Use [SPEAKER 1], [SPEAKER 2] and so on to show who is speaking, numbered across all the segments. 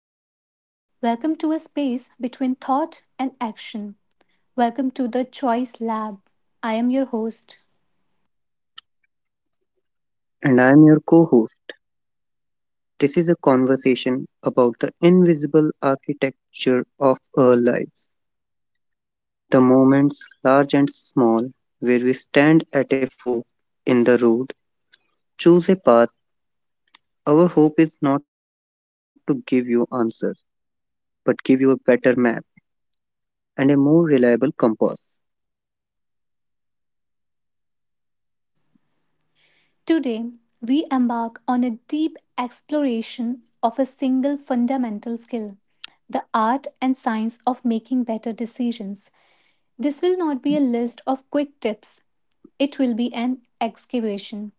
[SPEAKER 1] welcome. Welcome to a space between thought and action. Welcome to the Choice Lab. I am your host.
[SPEAKER 2] And I am your co host. This is a conversation about the invisible architecture of our lives, the moments, large and small, where we stand at a fork in the road, choose a path. Our hope is not to give you answers, but give you a better map and a more reliable compass.
[SPEAKER 1] Today, we embark on a deep exploration of a single fundamental skill, the art and science of making better decisions. This will not be a list of quick tips, it will be an excavation.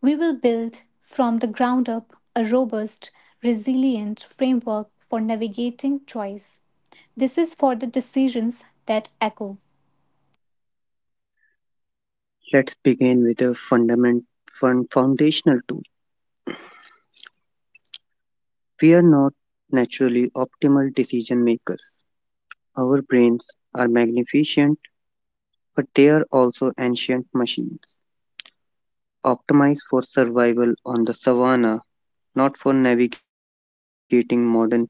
[SPEAKER 1] We will build from the ground up a robust, resilient framework for navigating choice. This is for the decisions that echo.
[SPEAKER 2] Let's begin with a foundational tool. We are not naturally optimal decision makers. Our brains are magnificent, but they are also ancient machines, optimized for survival on the savannah, not for navigating modern portfolios,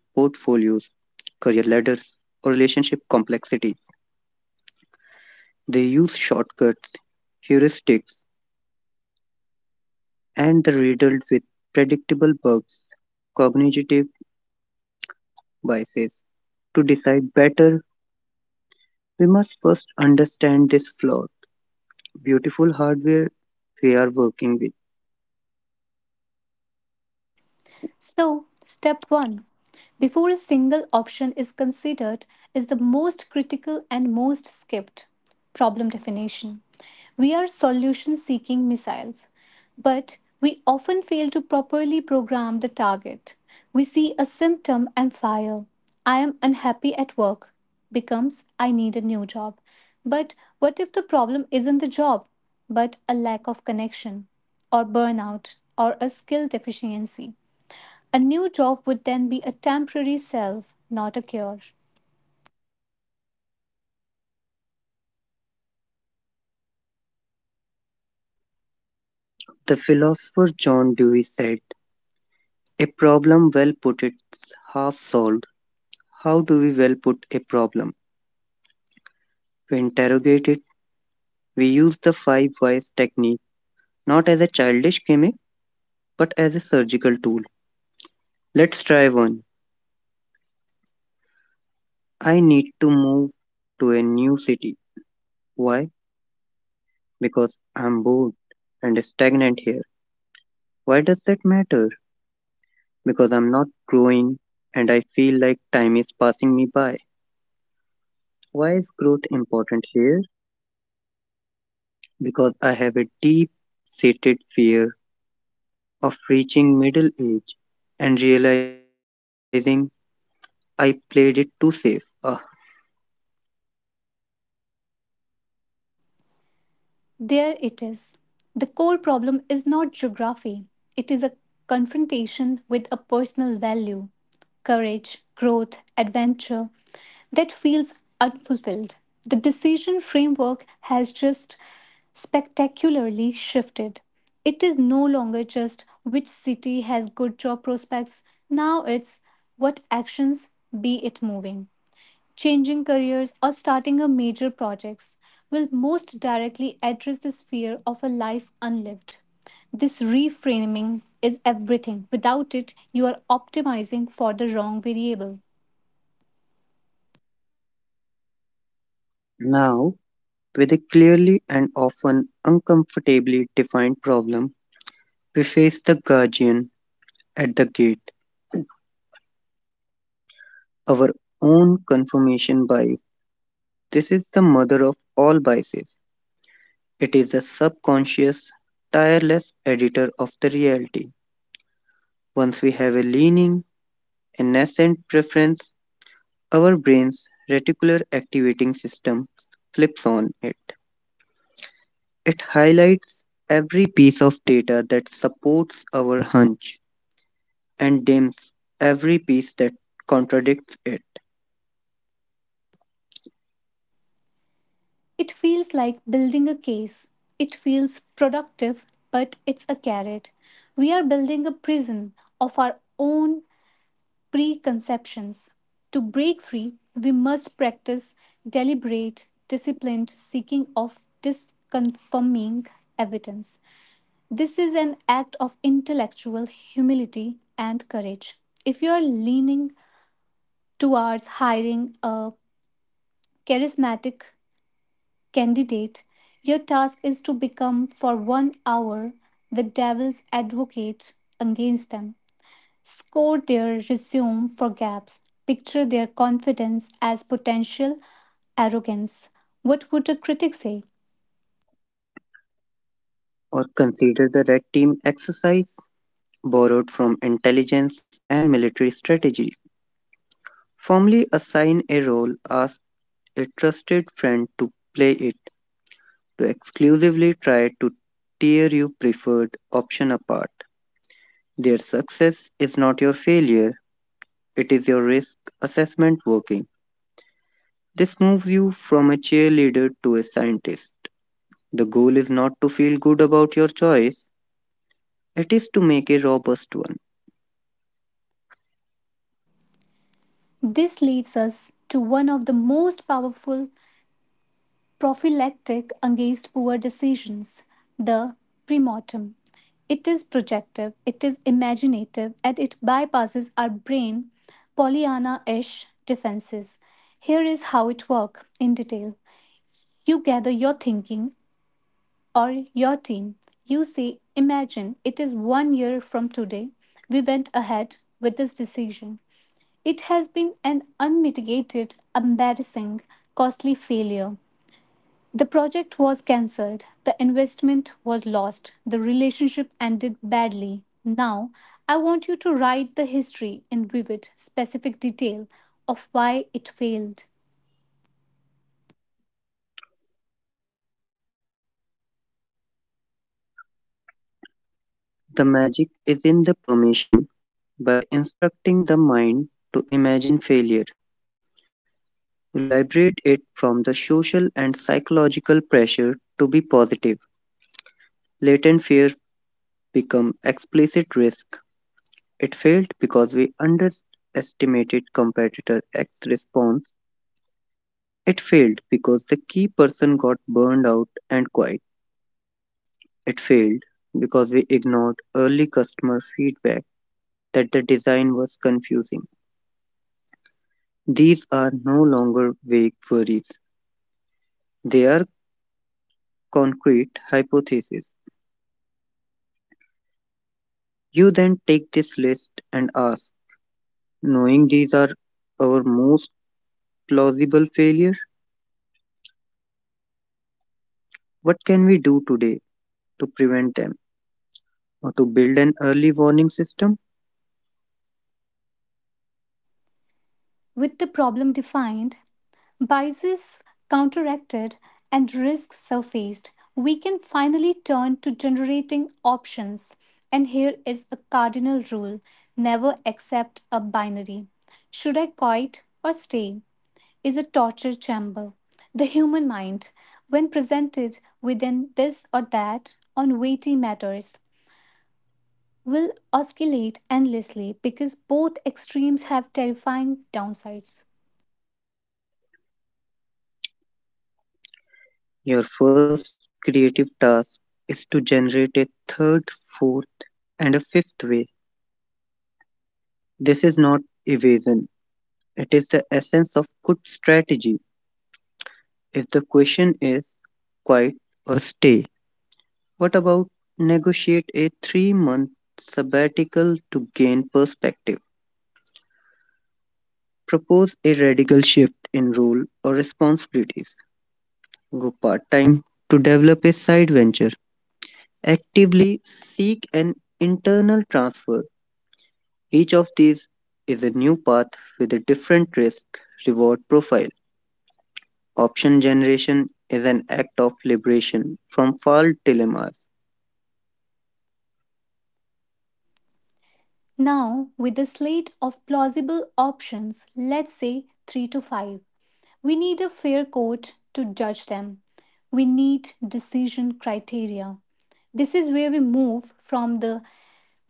[SPEAKER 2] career ladders, or relationship complexities. They use shortcuts, heuristics, and the riddled with predictable bugs, cognitive biases. To decide better, we must first understand this flawed, beautiful hardware we are working with.
[SPEAKER 1] So, step 1, before a single option is considered, is the most critical and most skipped: problem definition. We are solution seeking missiles, but we often fail to properly program the target. We see a symptom and fire. "I am unhappy at work" becomes "I need a new job." But what if the problem isn't the job, but a lack of connection, or burnout, or a skill deficiency? A new job would then be a temporary self, not a cure.
[SPEAKER 2] The philosopher John Dewey said, "A problem well put is half solved." How do we well put a problem? To interrogate it, we use the five whys technique not as a childish gimmick but as a surgical tool. Let's try one. I need to move to a new city. Why? Because I'm bored and stagnant here. Why does that matter? Because I'm not growing and I feel like time is passing me by. Why is growth important here? Because I have a deep seated fear of reaching middle age and realizing I played it too safe. Ugh.
[SPEAKER 1] There it is. The core problem is not geography, it is a confrontation with a personal value — courage, growth, adventure — that feels unfulfilled. The decision framework has just spectacularly shifted. It is no longer just which city has good job prospects, now it's what actions, be it moving, changing careers, or starting a major projects, will most directly address this fear of a life unlived. This reframing is everything. Without it, you are optimizing for the wrong variable.
[SPEAKER 2] Now, with a clearly and often uncomfortably defined problem, we face the guardian at the gate, our own confirmation bias. This is the mother of all biases. It is the subconscious, tireless editor of the reality. Once we have a leaning, a nascent preference, our brain's reticular activating system flips on it. It highlights every piece of data that supports our hunch and dims every piece that contradicts it.
[SPEAKER 1] It feels like building a case. It feels productive, but it's a carrot. We are building a prison of our own preconceptions. To break free, we must practice deliberate, disciplined seeking of disconfirming evidence. This is an act of intellectual humility and courage. If you are leaning towards hiring a charismatic candidate, your task is to become, for 1 hour, the devil's advocate against them. Score their resume for gaps, picture their confidence as potential arrogance. What would a critic say?
[SPEAKER 2] Or consider the Red Team exercise, borrowed from intelligence and military strategy. Formally assign a role, ask a trusted friend to play it, to exclusively try to tear your preferred option apart. Their success is not your failure, it is your risk assessment working. This moves you from a cheerleader to a scientist. The goal is not to feel good about your choice, it is to make a robust one.
[SPEAKER 1] This leads us to one of the most powerful prophylactic against poor decisions, the premortem. It is projective, it is imaginative, and it bypasses our brain Pollyanna ish defenses. Here is how it works in detail. You gather your thinking or your team. You say, "Imagine it is 1 year from today. We went ahead with this decision. It has been an unmitigated, embarrassing, costly failure. The project was cancelled, the investment was lost, the relationship ended badly. Now, I want you to write the history in vivid, specific detail of why it failed."
[SPEAKER 2] The magic is in the permission. By instructing the mind to imagine failure, you liberate it from the social and psychological pressure to be positive. Latent fear become explicit risk. It failed because we underestimated competitor X response. It failed because the key person got burned out and quiet. It failed because we ignored early customer feedback that the design was confusing. These are no longer vague worries, they are concrete hypotheses. You then take this list and ask, knowing these are our most plausible failures, what can we do today to prevent them or to build an early warning system?
[SPEAKER 1] With the problem defined, biases counteracted, and risks surfaced, we can finally turn to generating options. And here is a cardinal rule: never accept a binary. "Should I quit or stay?" is a torture chamber. The human mind, when presented within this or that on weighty matters, will oscillate endlessly because both extremes have terrifying downsides.
[SPEAKER 2] Your first creative task is to generate a third, fourth, and a fifth way. This is not evasion, it is the essence of good strategy. If the question is quiet or stay, what about negotiate a 3 month sabbatical to gain perspective? Propose a radical shift in role or responsibilities. Go part time to develop a side venture. Actively seek an internal transfer. Each of these is a new path with a different risk reward profile. Option generation is an act of liberation from false dilemmas.
[SPEAKER 1] Now, with a slate of plausible options, let's say 3 to 5, we need a fair court to judge them. We need decision criteria. This is where we move from the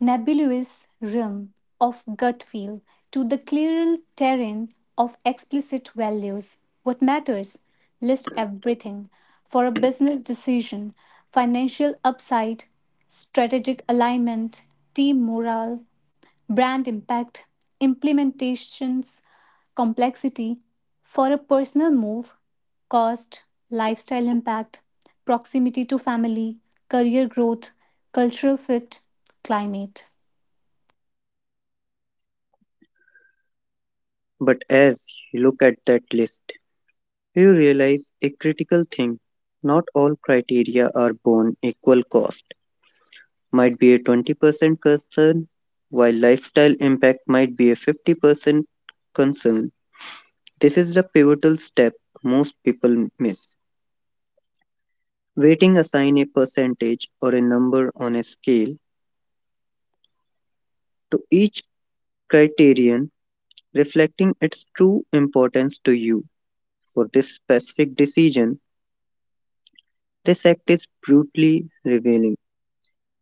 [SPEAKER 1] nebulous realm of gut feel to the clearer terrain of explicit values. What matters? List everything. For a business decision: financial upside, strategic alignment, team morale, brand impact, implementations, complexity. For a personal move: cost, lifestyle impact, proximity to family, career growth, cultural fit, climate.
[SPEAKER 2] But as you look at that list, you realize a critical thing. Not all criteria are born equal cost. Might be a 20% concern, while lifestyle impact might be a 50% concern. This is the pivotal step most people miss. Weighting assign a percentage or a number on a scale to each criterion reflecting its true importance to you for this specific decision, this act is brutally revealing.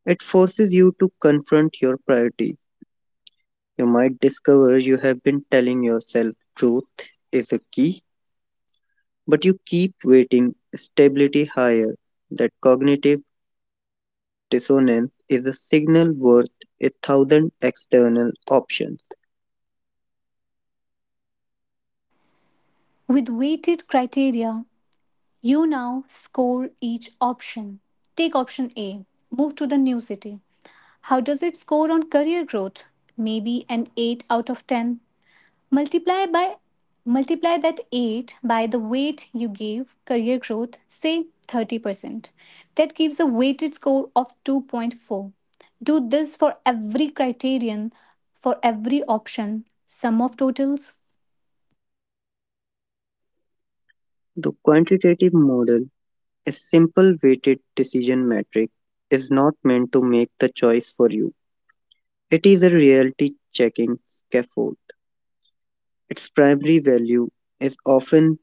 [SPEAKER 2] It forces you to confront your priorities. You might discover you have been telling yourself truth is a key, but you keep waiting stability higher. That cognitive dissonance is a signal worth a thousand external options.
[SPEAKER 1] With weighted criteria, you now score each option. Take option A, move to the new city. How does it score on career growth? Maybe an 8 out of 10. Multiply by multiply that 8 by the weight you gave career growth, say 30%. That gives a weighted score of 2.4. Do this for every criterion, for every option, sum of totals.
[SPEAKER 2] The quantitative model, a simple weighted decision metric, is not meant to make the choice for you. It is a reality checking scaffold. Its primary value is often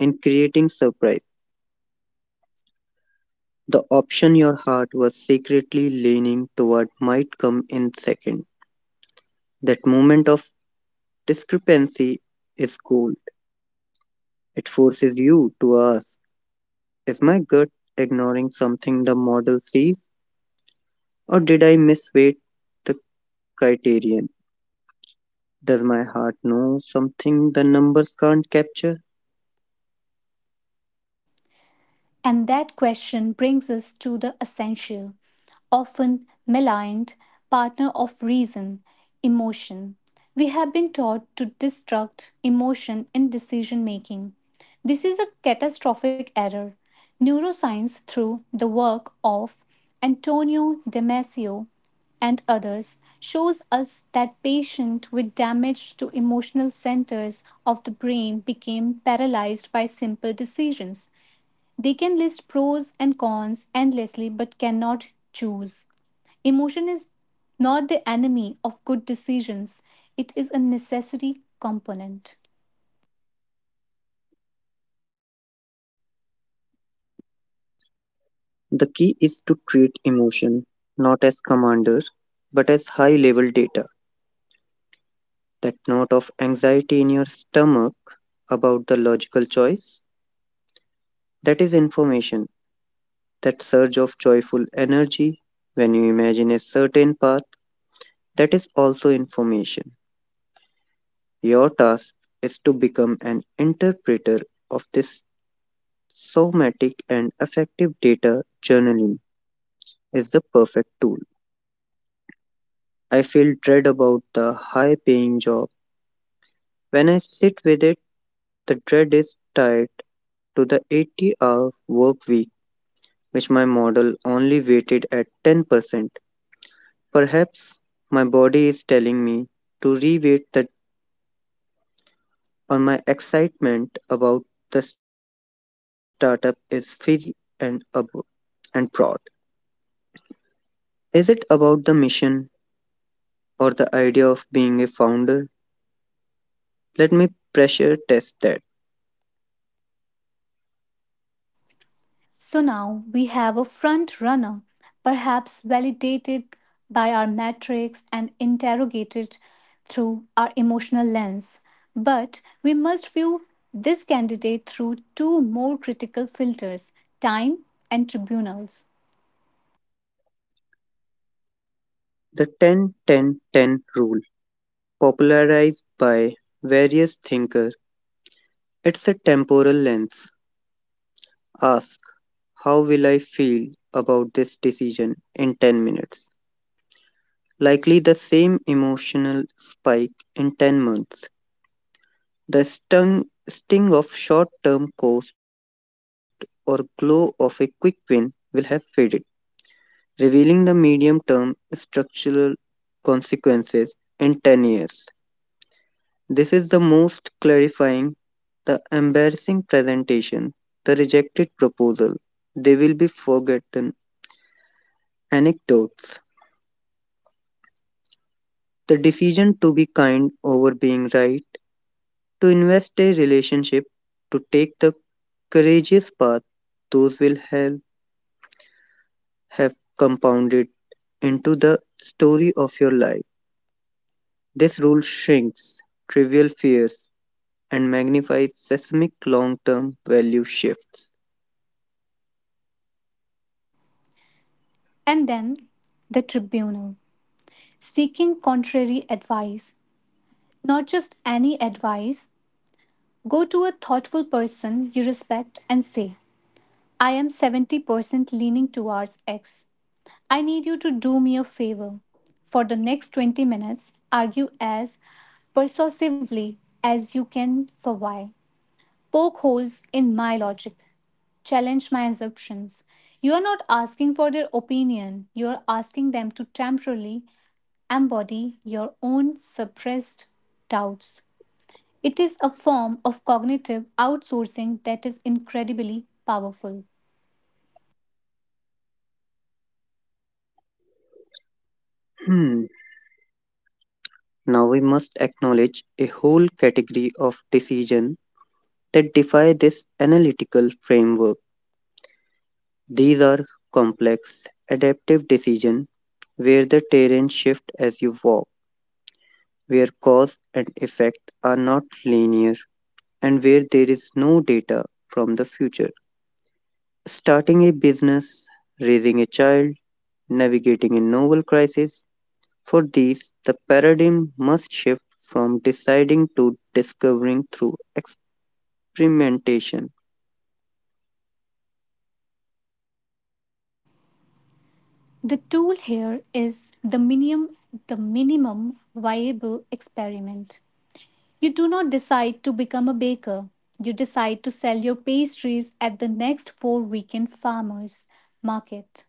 [SPEAKER 2] in creating surprise. The option your heart was secretly leaning toward might come in second. That moment of discrepancy is gold. It forces you to ask, is my gut ignoring something the model sees, or did I misweight the criterion? Does my heart know something the numbers can't capture?
[SPEAKER 1] And that question brings us to the essential, often maligned partner of reason, emotion. We have been taught to destruct emotion in decision making. This is a catastrophic error. Neuroscience, through the work of Antonio Damasio and others, shows us that patients with damage to emotional centers of the brain became paralyzed by simple decisions. They can list pros and cons endlessly but cannot choose. Emotion is not the enemy of good decisions, it is a necessary component.
[SPEAKER 2] The key is to treat emotion not as commanders but as high level data. That note of anxiety in your stomach about the logical choice, that is information. That surge of joyful energy when you imagine a certain path, that is also information. Your task is to become an interpreter of this somatic and affective data. Journaling is the perfect tool. I feel dread about the high paying job. When I sit with it, the dread is tied to the 80-hour work week, which my model only weighted at 10%. Perhaps my body is telling me to reweight that, or my excitement about the startup is fizzy and, ab- and broad. Is it about the mission or the idea of being a founder? Let me pressure test that.
[SPEAKER 1] So now we have a front runner, perhaps validated by our metrics and interrogated through our emotional lens. But we must view this candidate through two more critical filters: time and tribunals.
[SPEAKER 2] The 10 10 10 rule, popularized by various thinkers, it's a temporal lens. Ask, how will I feel about this decision in 10 minutes? Likely the same emotional spike in 10 months. The stung, sting of short term cost or glow of a quick win will have faded, revealing the medium term structural consequences in 10 years. This is the most clarifying, the embarrassing presentation, the rejected proposal. They will be forgotten anecdotes. The decision to be kind over being right, to invest a relationship, to take the courageous path, those will have compounded into the story of your life. This rule shrinks trivial fears and magnifies seismic long term value shifts.
[SPEAKER 1] And then the tribunal. Seeking contrary advice. Not just any advice. Go to a thoughtful person you respect and say, "I am 70% leaning towards X. I need you to do me a favor. For the next 20 minutes, argue as persuasively as you can for Y. Poke holes in my logic, challenge my assumptions." You are not asking for their opinion, you are asking them to temporarily embody your own suppressed doubts. It is a form of cognitive outsourcing that is incredibly powerful.
[SPEAKER 2] Hmm. Now we must acknowledge a whole category of decision that defy this analytical framework. These are complex, adaptive decisions where the terrain shifts as you walk, where cause and effect are not linear, and where there is no data from the future. Starting a business, raising a child, navigating a novel crisis, for these, the paradigm must shift from deciding to discovering through experimentation.
[SPEAKER 1] The tool here is the minimum viable experiment. You do not decide to become a baker. You decide to sell your pastries at the next four weekend farmers market.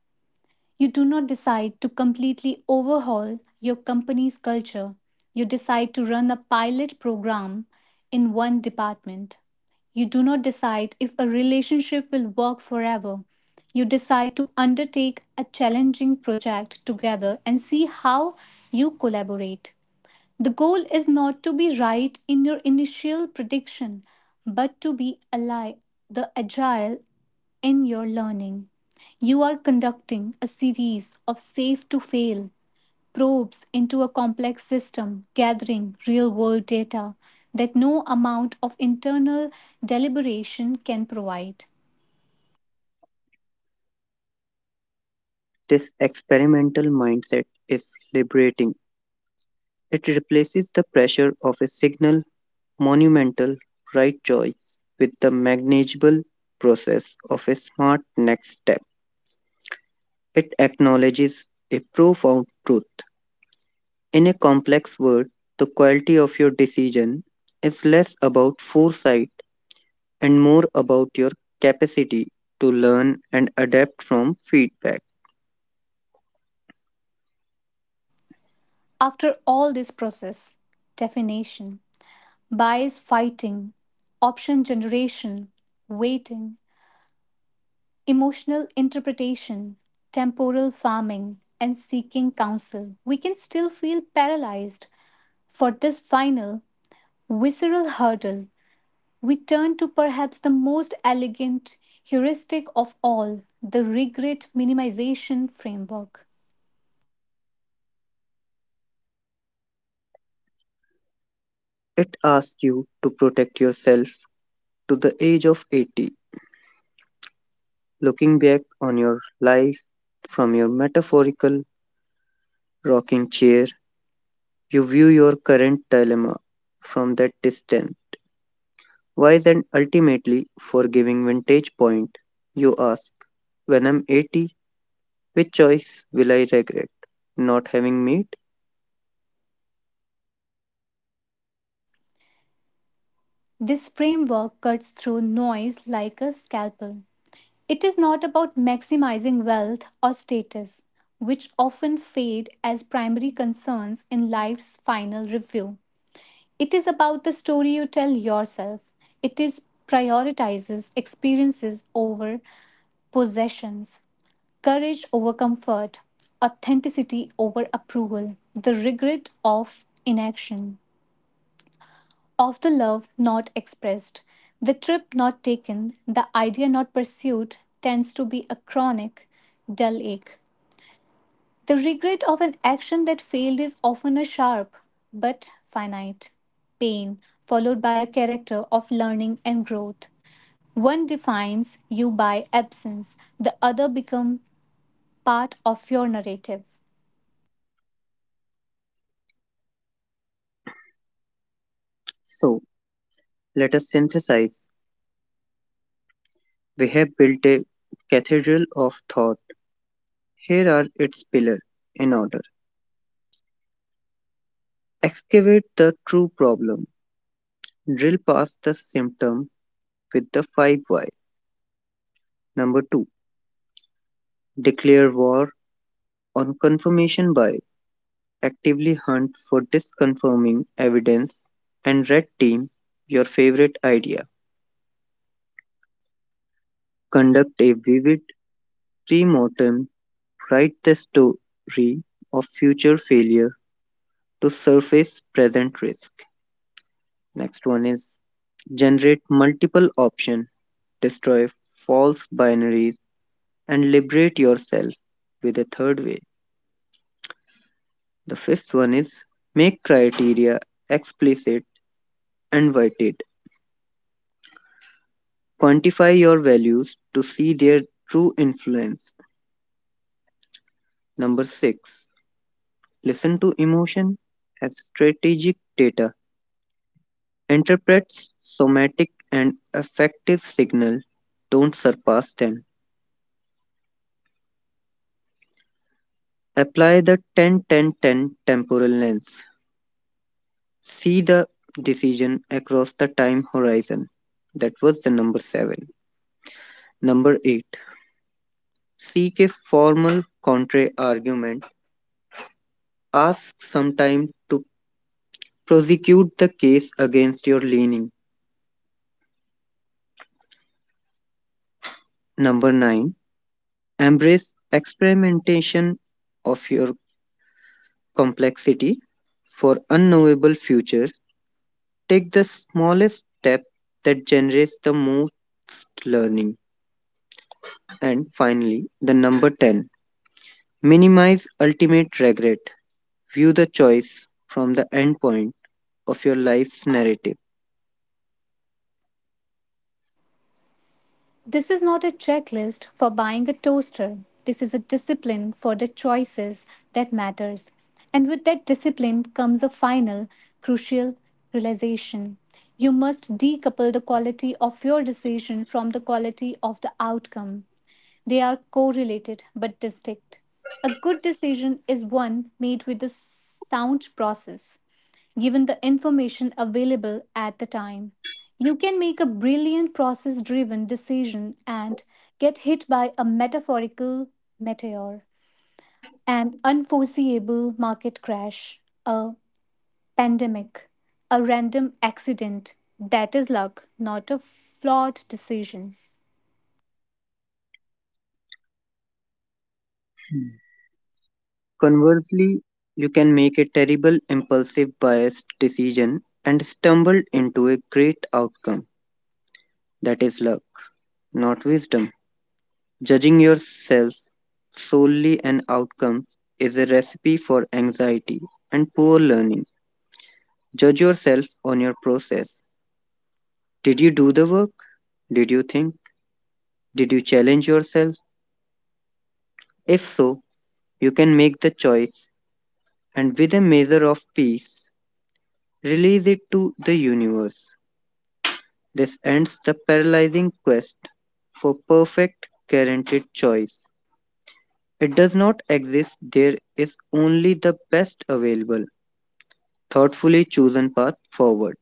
[SPEAKER 1] You do not decide to completely overhaul your company's culture. You decide to run a pilot program in one department. You do not decide if a relationship will work forever. You decide to undertake a challenging project together and see how you collaborate. The goal is not to be right in your initial prediction, but to be ally, the agile in your learning. You are conducting a series of safe to fail probes into a complex system, gathering real world data that no amount of internal deliberation can provide.
[SPEAKER 2] This experimental mindset is liberating. It replaces the pressure of a signal monumental, right choice with the manageable process of a smart next step. It acknowledges a profound truth. In a complex world, the quality of your decision is less about foresight and more about your capacity to learn and adapt from feedback.
[SPEAKER 1] After all this process — definition, bias fighting, option generation, waiting, emotional interpretation, temporal farming, and seeking counsel — we can still feel paralyzed. For this final, visceral hurdle, we turn to perhaps the most elegant heuristic of all, the regret minimization framework.
[SPEAKER 2] It asks you to protect yourself to the age of 80, looking back on your life from your metaphorical rocking chair. You view your current dilemma from that distance. Wise and ultimately forgiving vintage point, you ask, when I'm 80, which choice will I regret not having made?
[SPEAKER 1] This framework cuts through noise like a scalpel. It is not about maximizing wealth or status, which often fade as primary concerns in life's final review. It is about the story you tell yourself. It is prioritizes experiences over possessions, courage over comfort, authenticity over approval. The regret of inaction, of the love not expressed, the trip not taken, the idea not pursued, tends to be a chronic dull ache. The regret of an action that failed is often a sharp but finite pain, followed by a character of learning and growth. One defines you by absence, the other becomes part of your narrative.
[SPEAKER 2] So, let us synthesize. We have built a cathedral of thought. Here are its pillars in order. Excavate the true problem. Drill past the symptom with the five why. Number two, declare war on confirmation bias. Actively hunt for disconfirming evidence and red team your favorite idea. Conduct a vivid pre-mortem, write the story of future failure to surface present risk. Next one is generate multiple options. Destroy false binaries and liberate yourself with a third way. The fifth one is make criteria explicit and weighted. Quantify your values to see their true influence. Number six, listen to emotion as strategic data. Interprets somatic and affective signal. Don't surpass them. Apply the 10 10 10 temporal lens. See the decision across the time horizon. That was the number seven. Number eight, seek a formal contra argument. Ask some time to prosecute the case against your leaning. Number nine, embrace experimentation of your complexity for unknowable futures. Take the smallest step that generates the most learning. And finally, the number 10, minimize ultimate regret. View the choice from the endpoint of your life's narrative.
[SPEAKER 1] This is not a checklist for buying a toaster. This is a discipline for the choices that matters. And with that discipline comes a final, crucial realization. You must decouple the quality of your decision from the quality of the outcome. They are correlated but distinct. A good decision is one made with a sound process given the information available at the time. You can make a brilliant process driven decision and get hit by a metaphorical meteor, an unforeseeable market crash, a pandemic, a random accident. That is luck, not a flawed decision.
[SPEAKER 2] Hmm. Conversely, you can make a terrible impulsive biased decision and stumble into a great outcome. That is luck, not wisdom. Judging yourself solely on outcomes is a recipe for anxiety and poor learning. Judge yourself on your process. Did you do the work? Did you think? Did you challenge yourself? If so, you can make the choice and with a measure of peace, release it to the universe. This ends the paralyzing quest for perfect, guaranteed choice. It does not exist, there is only the best available, thoughtfully chosen path forward.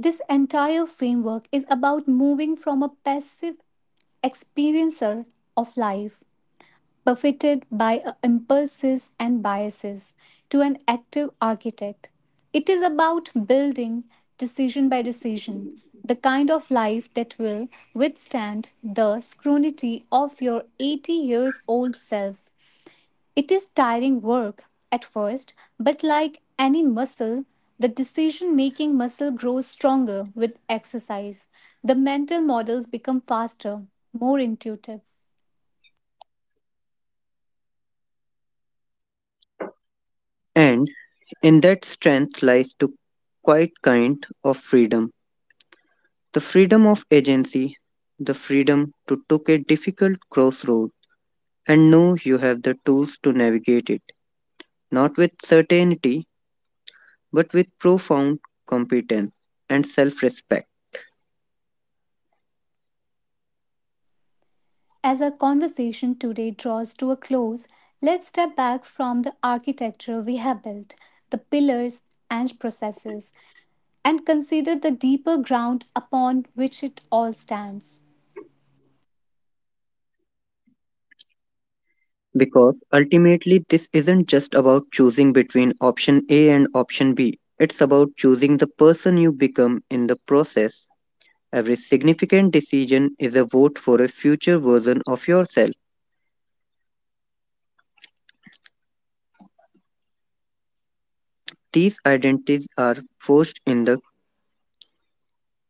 [SPEAKER 1] This entire framework is about moving from a passive experiencer of life buffeted by impulses and biases, to an active architect. It is about building, decision by decision, the kind of life that will withstand the scrutiny of your 80 years old self. It is tiring work at first, but like any muscle, the decision making muscle grows stronger with exercise. The mental models become faster, more intuitive.
[SPEAKER 2] And in that strength lies to quite kind of freedom. The freedom of agency, the freedom to take a difficult crossroad and know you have the tools to navigate it, not with certainty, but with profound competence and self-respect.
[SPEAKER 1] As our conversation today draws to a close, let's step back from the architecture we have built, the pillars and processes, and consider the deeper ground upon which it all stands.
[SPEAKER 2] Because ultimately, this isn't just about choosing between option A and option B. It's about choosing the person you become in the process. Every significant decision is a vote for a future version of yourself. These identities are forged in the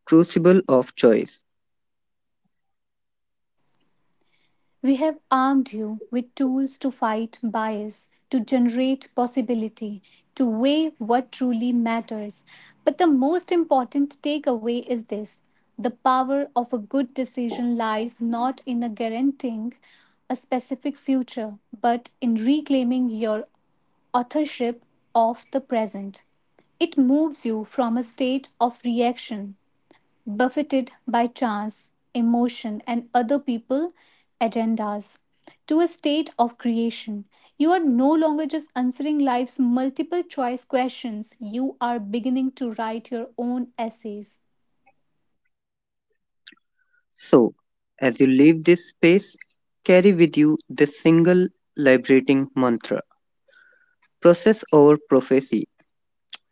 [SPEAKER 2] crucible of choice.
[SPEAKER 1] We have armed you with tools to fight bias, to generate possibility, to weigh what truly matters. But the most important takeaway is this: the power of a good decision lies not in a guaranteeing a specific future, but in reclaiming your authorship of the present. It moves you from a state of reaction, buffeted by chance, emotion, and other people' agendas, to a state of creation. You are no longer just answering life's multiple choice questions, you are beginning to write your own essays.
[SPEAKER 2] So, as you leave this space, carry with you this single liberating mantra process over prophecy.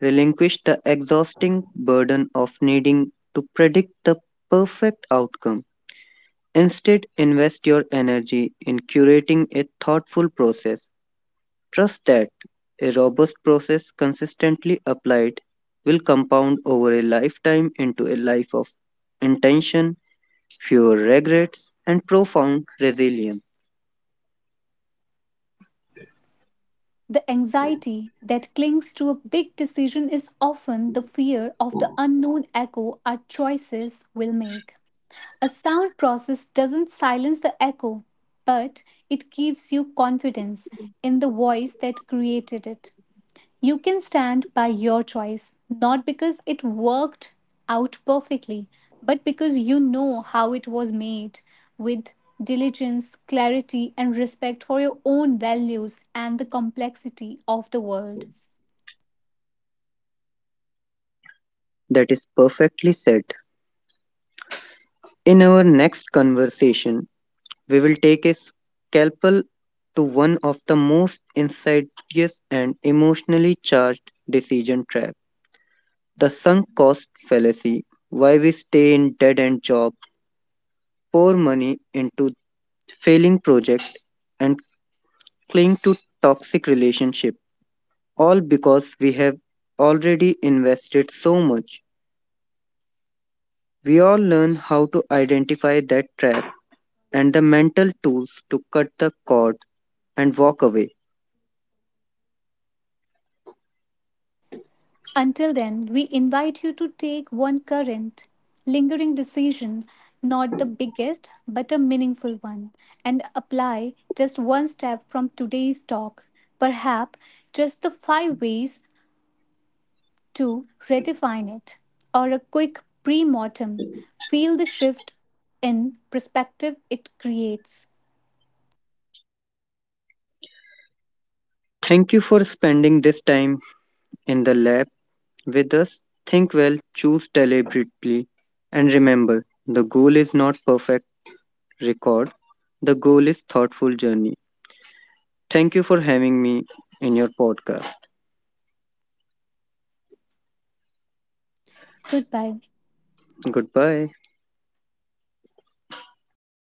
[SPEAKER 2] Relinquish the exhausting burden of needing to predict the perfect outcome. Instead, invest your energy in curating a thoughtful process. Trust that a robust process consistently applied will compound over a lifetime into a life of intention, fewer regrets, and profound resilience.
[SPEAKER 1] The anxiety that clings to a big decision is often the fear of the unknown echo our choices will make. A sound process doesn't silence the echo, but it gives you confidence in the voice that created it. You can stand by your choice, not because it worked out perfectly, but because you know how it was made, with diligence, clarity, and respect for your own values and the complexity of the world.
[SPEAKER 2] That is perfectly said. In our next conversation, we will take a scalpel to one of the most insidious and emotionally charged decision trap the sunk cost fallacy. Why we stay in dead end jobs, pour money into failing projects, and cling to toxic relationships, all because we have already invested so much. We all learn how to identify that trap and the mental tools to cut the cord and walk away.
[SPEAKER 1] Until then, we invite you to take one current, lingering decision, not the biggest, but a meaningful one, and apply just one step from today's talk, perhaps just the five ways to redefine it, or a quick pre mortem. Feel the shift in perspective it creates.
[SPEAKER 2] Thank you for spending this time in the lab with us. Think well, choose deliberately, and remember the goal is not perfect record, the goal is thoughtful journey. Thank you for having me in your podcast.
[SPEAKER 1] Goodbye.
[SPEAKER 2] Goodbye.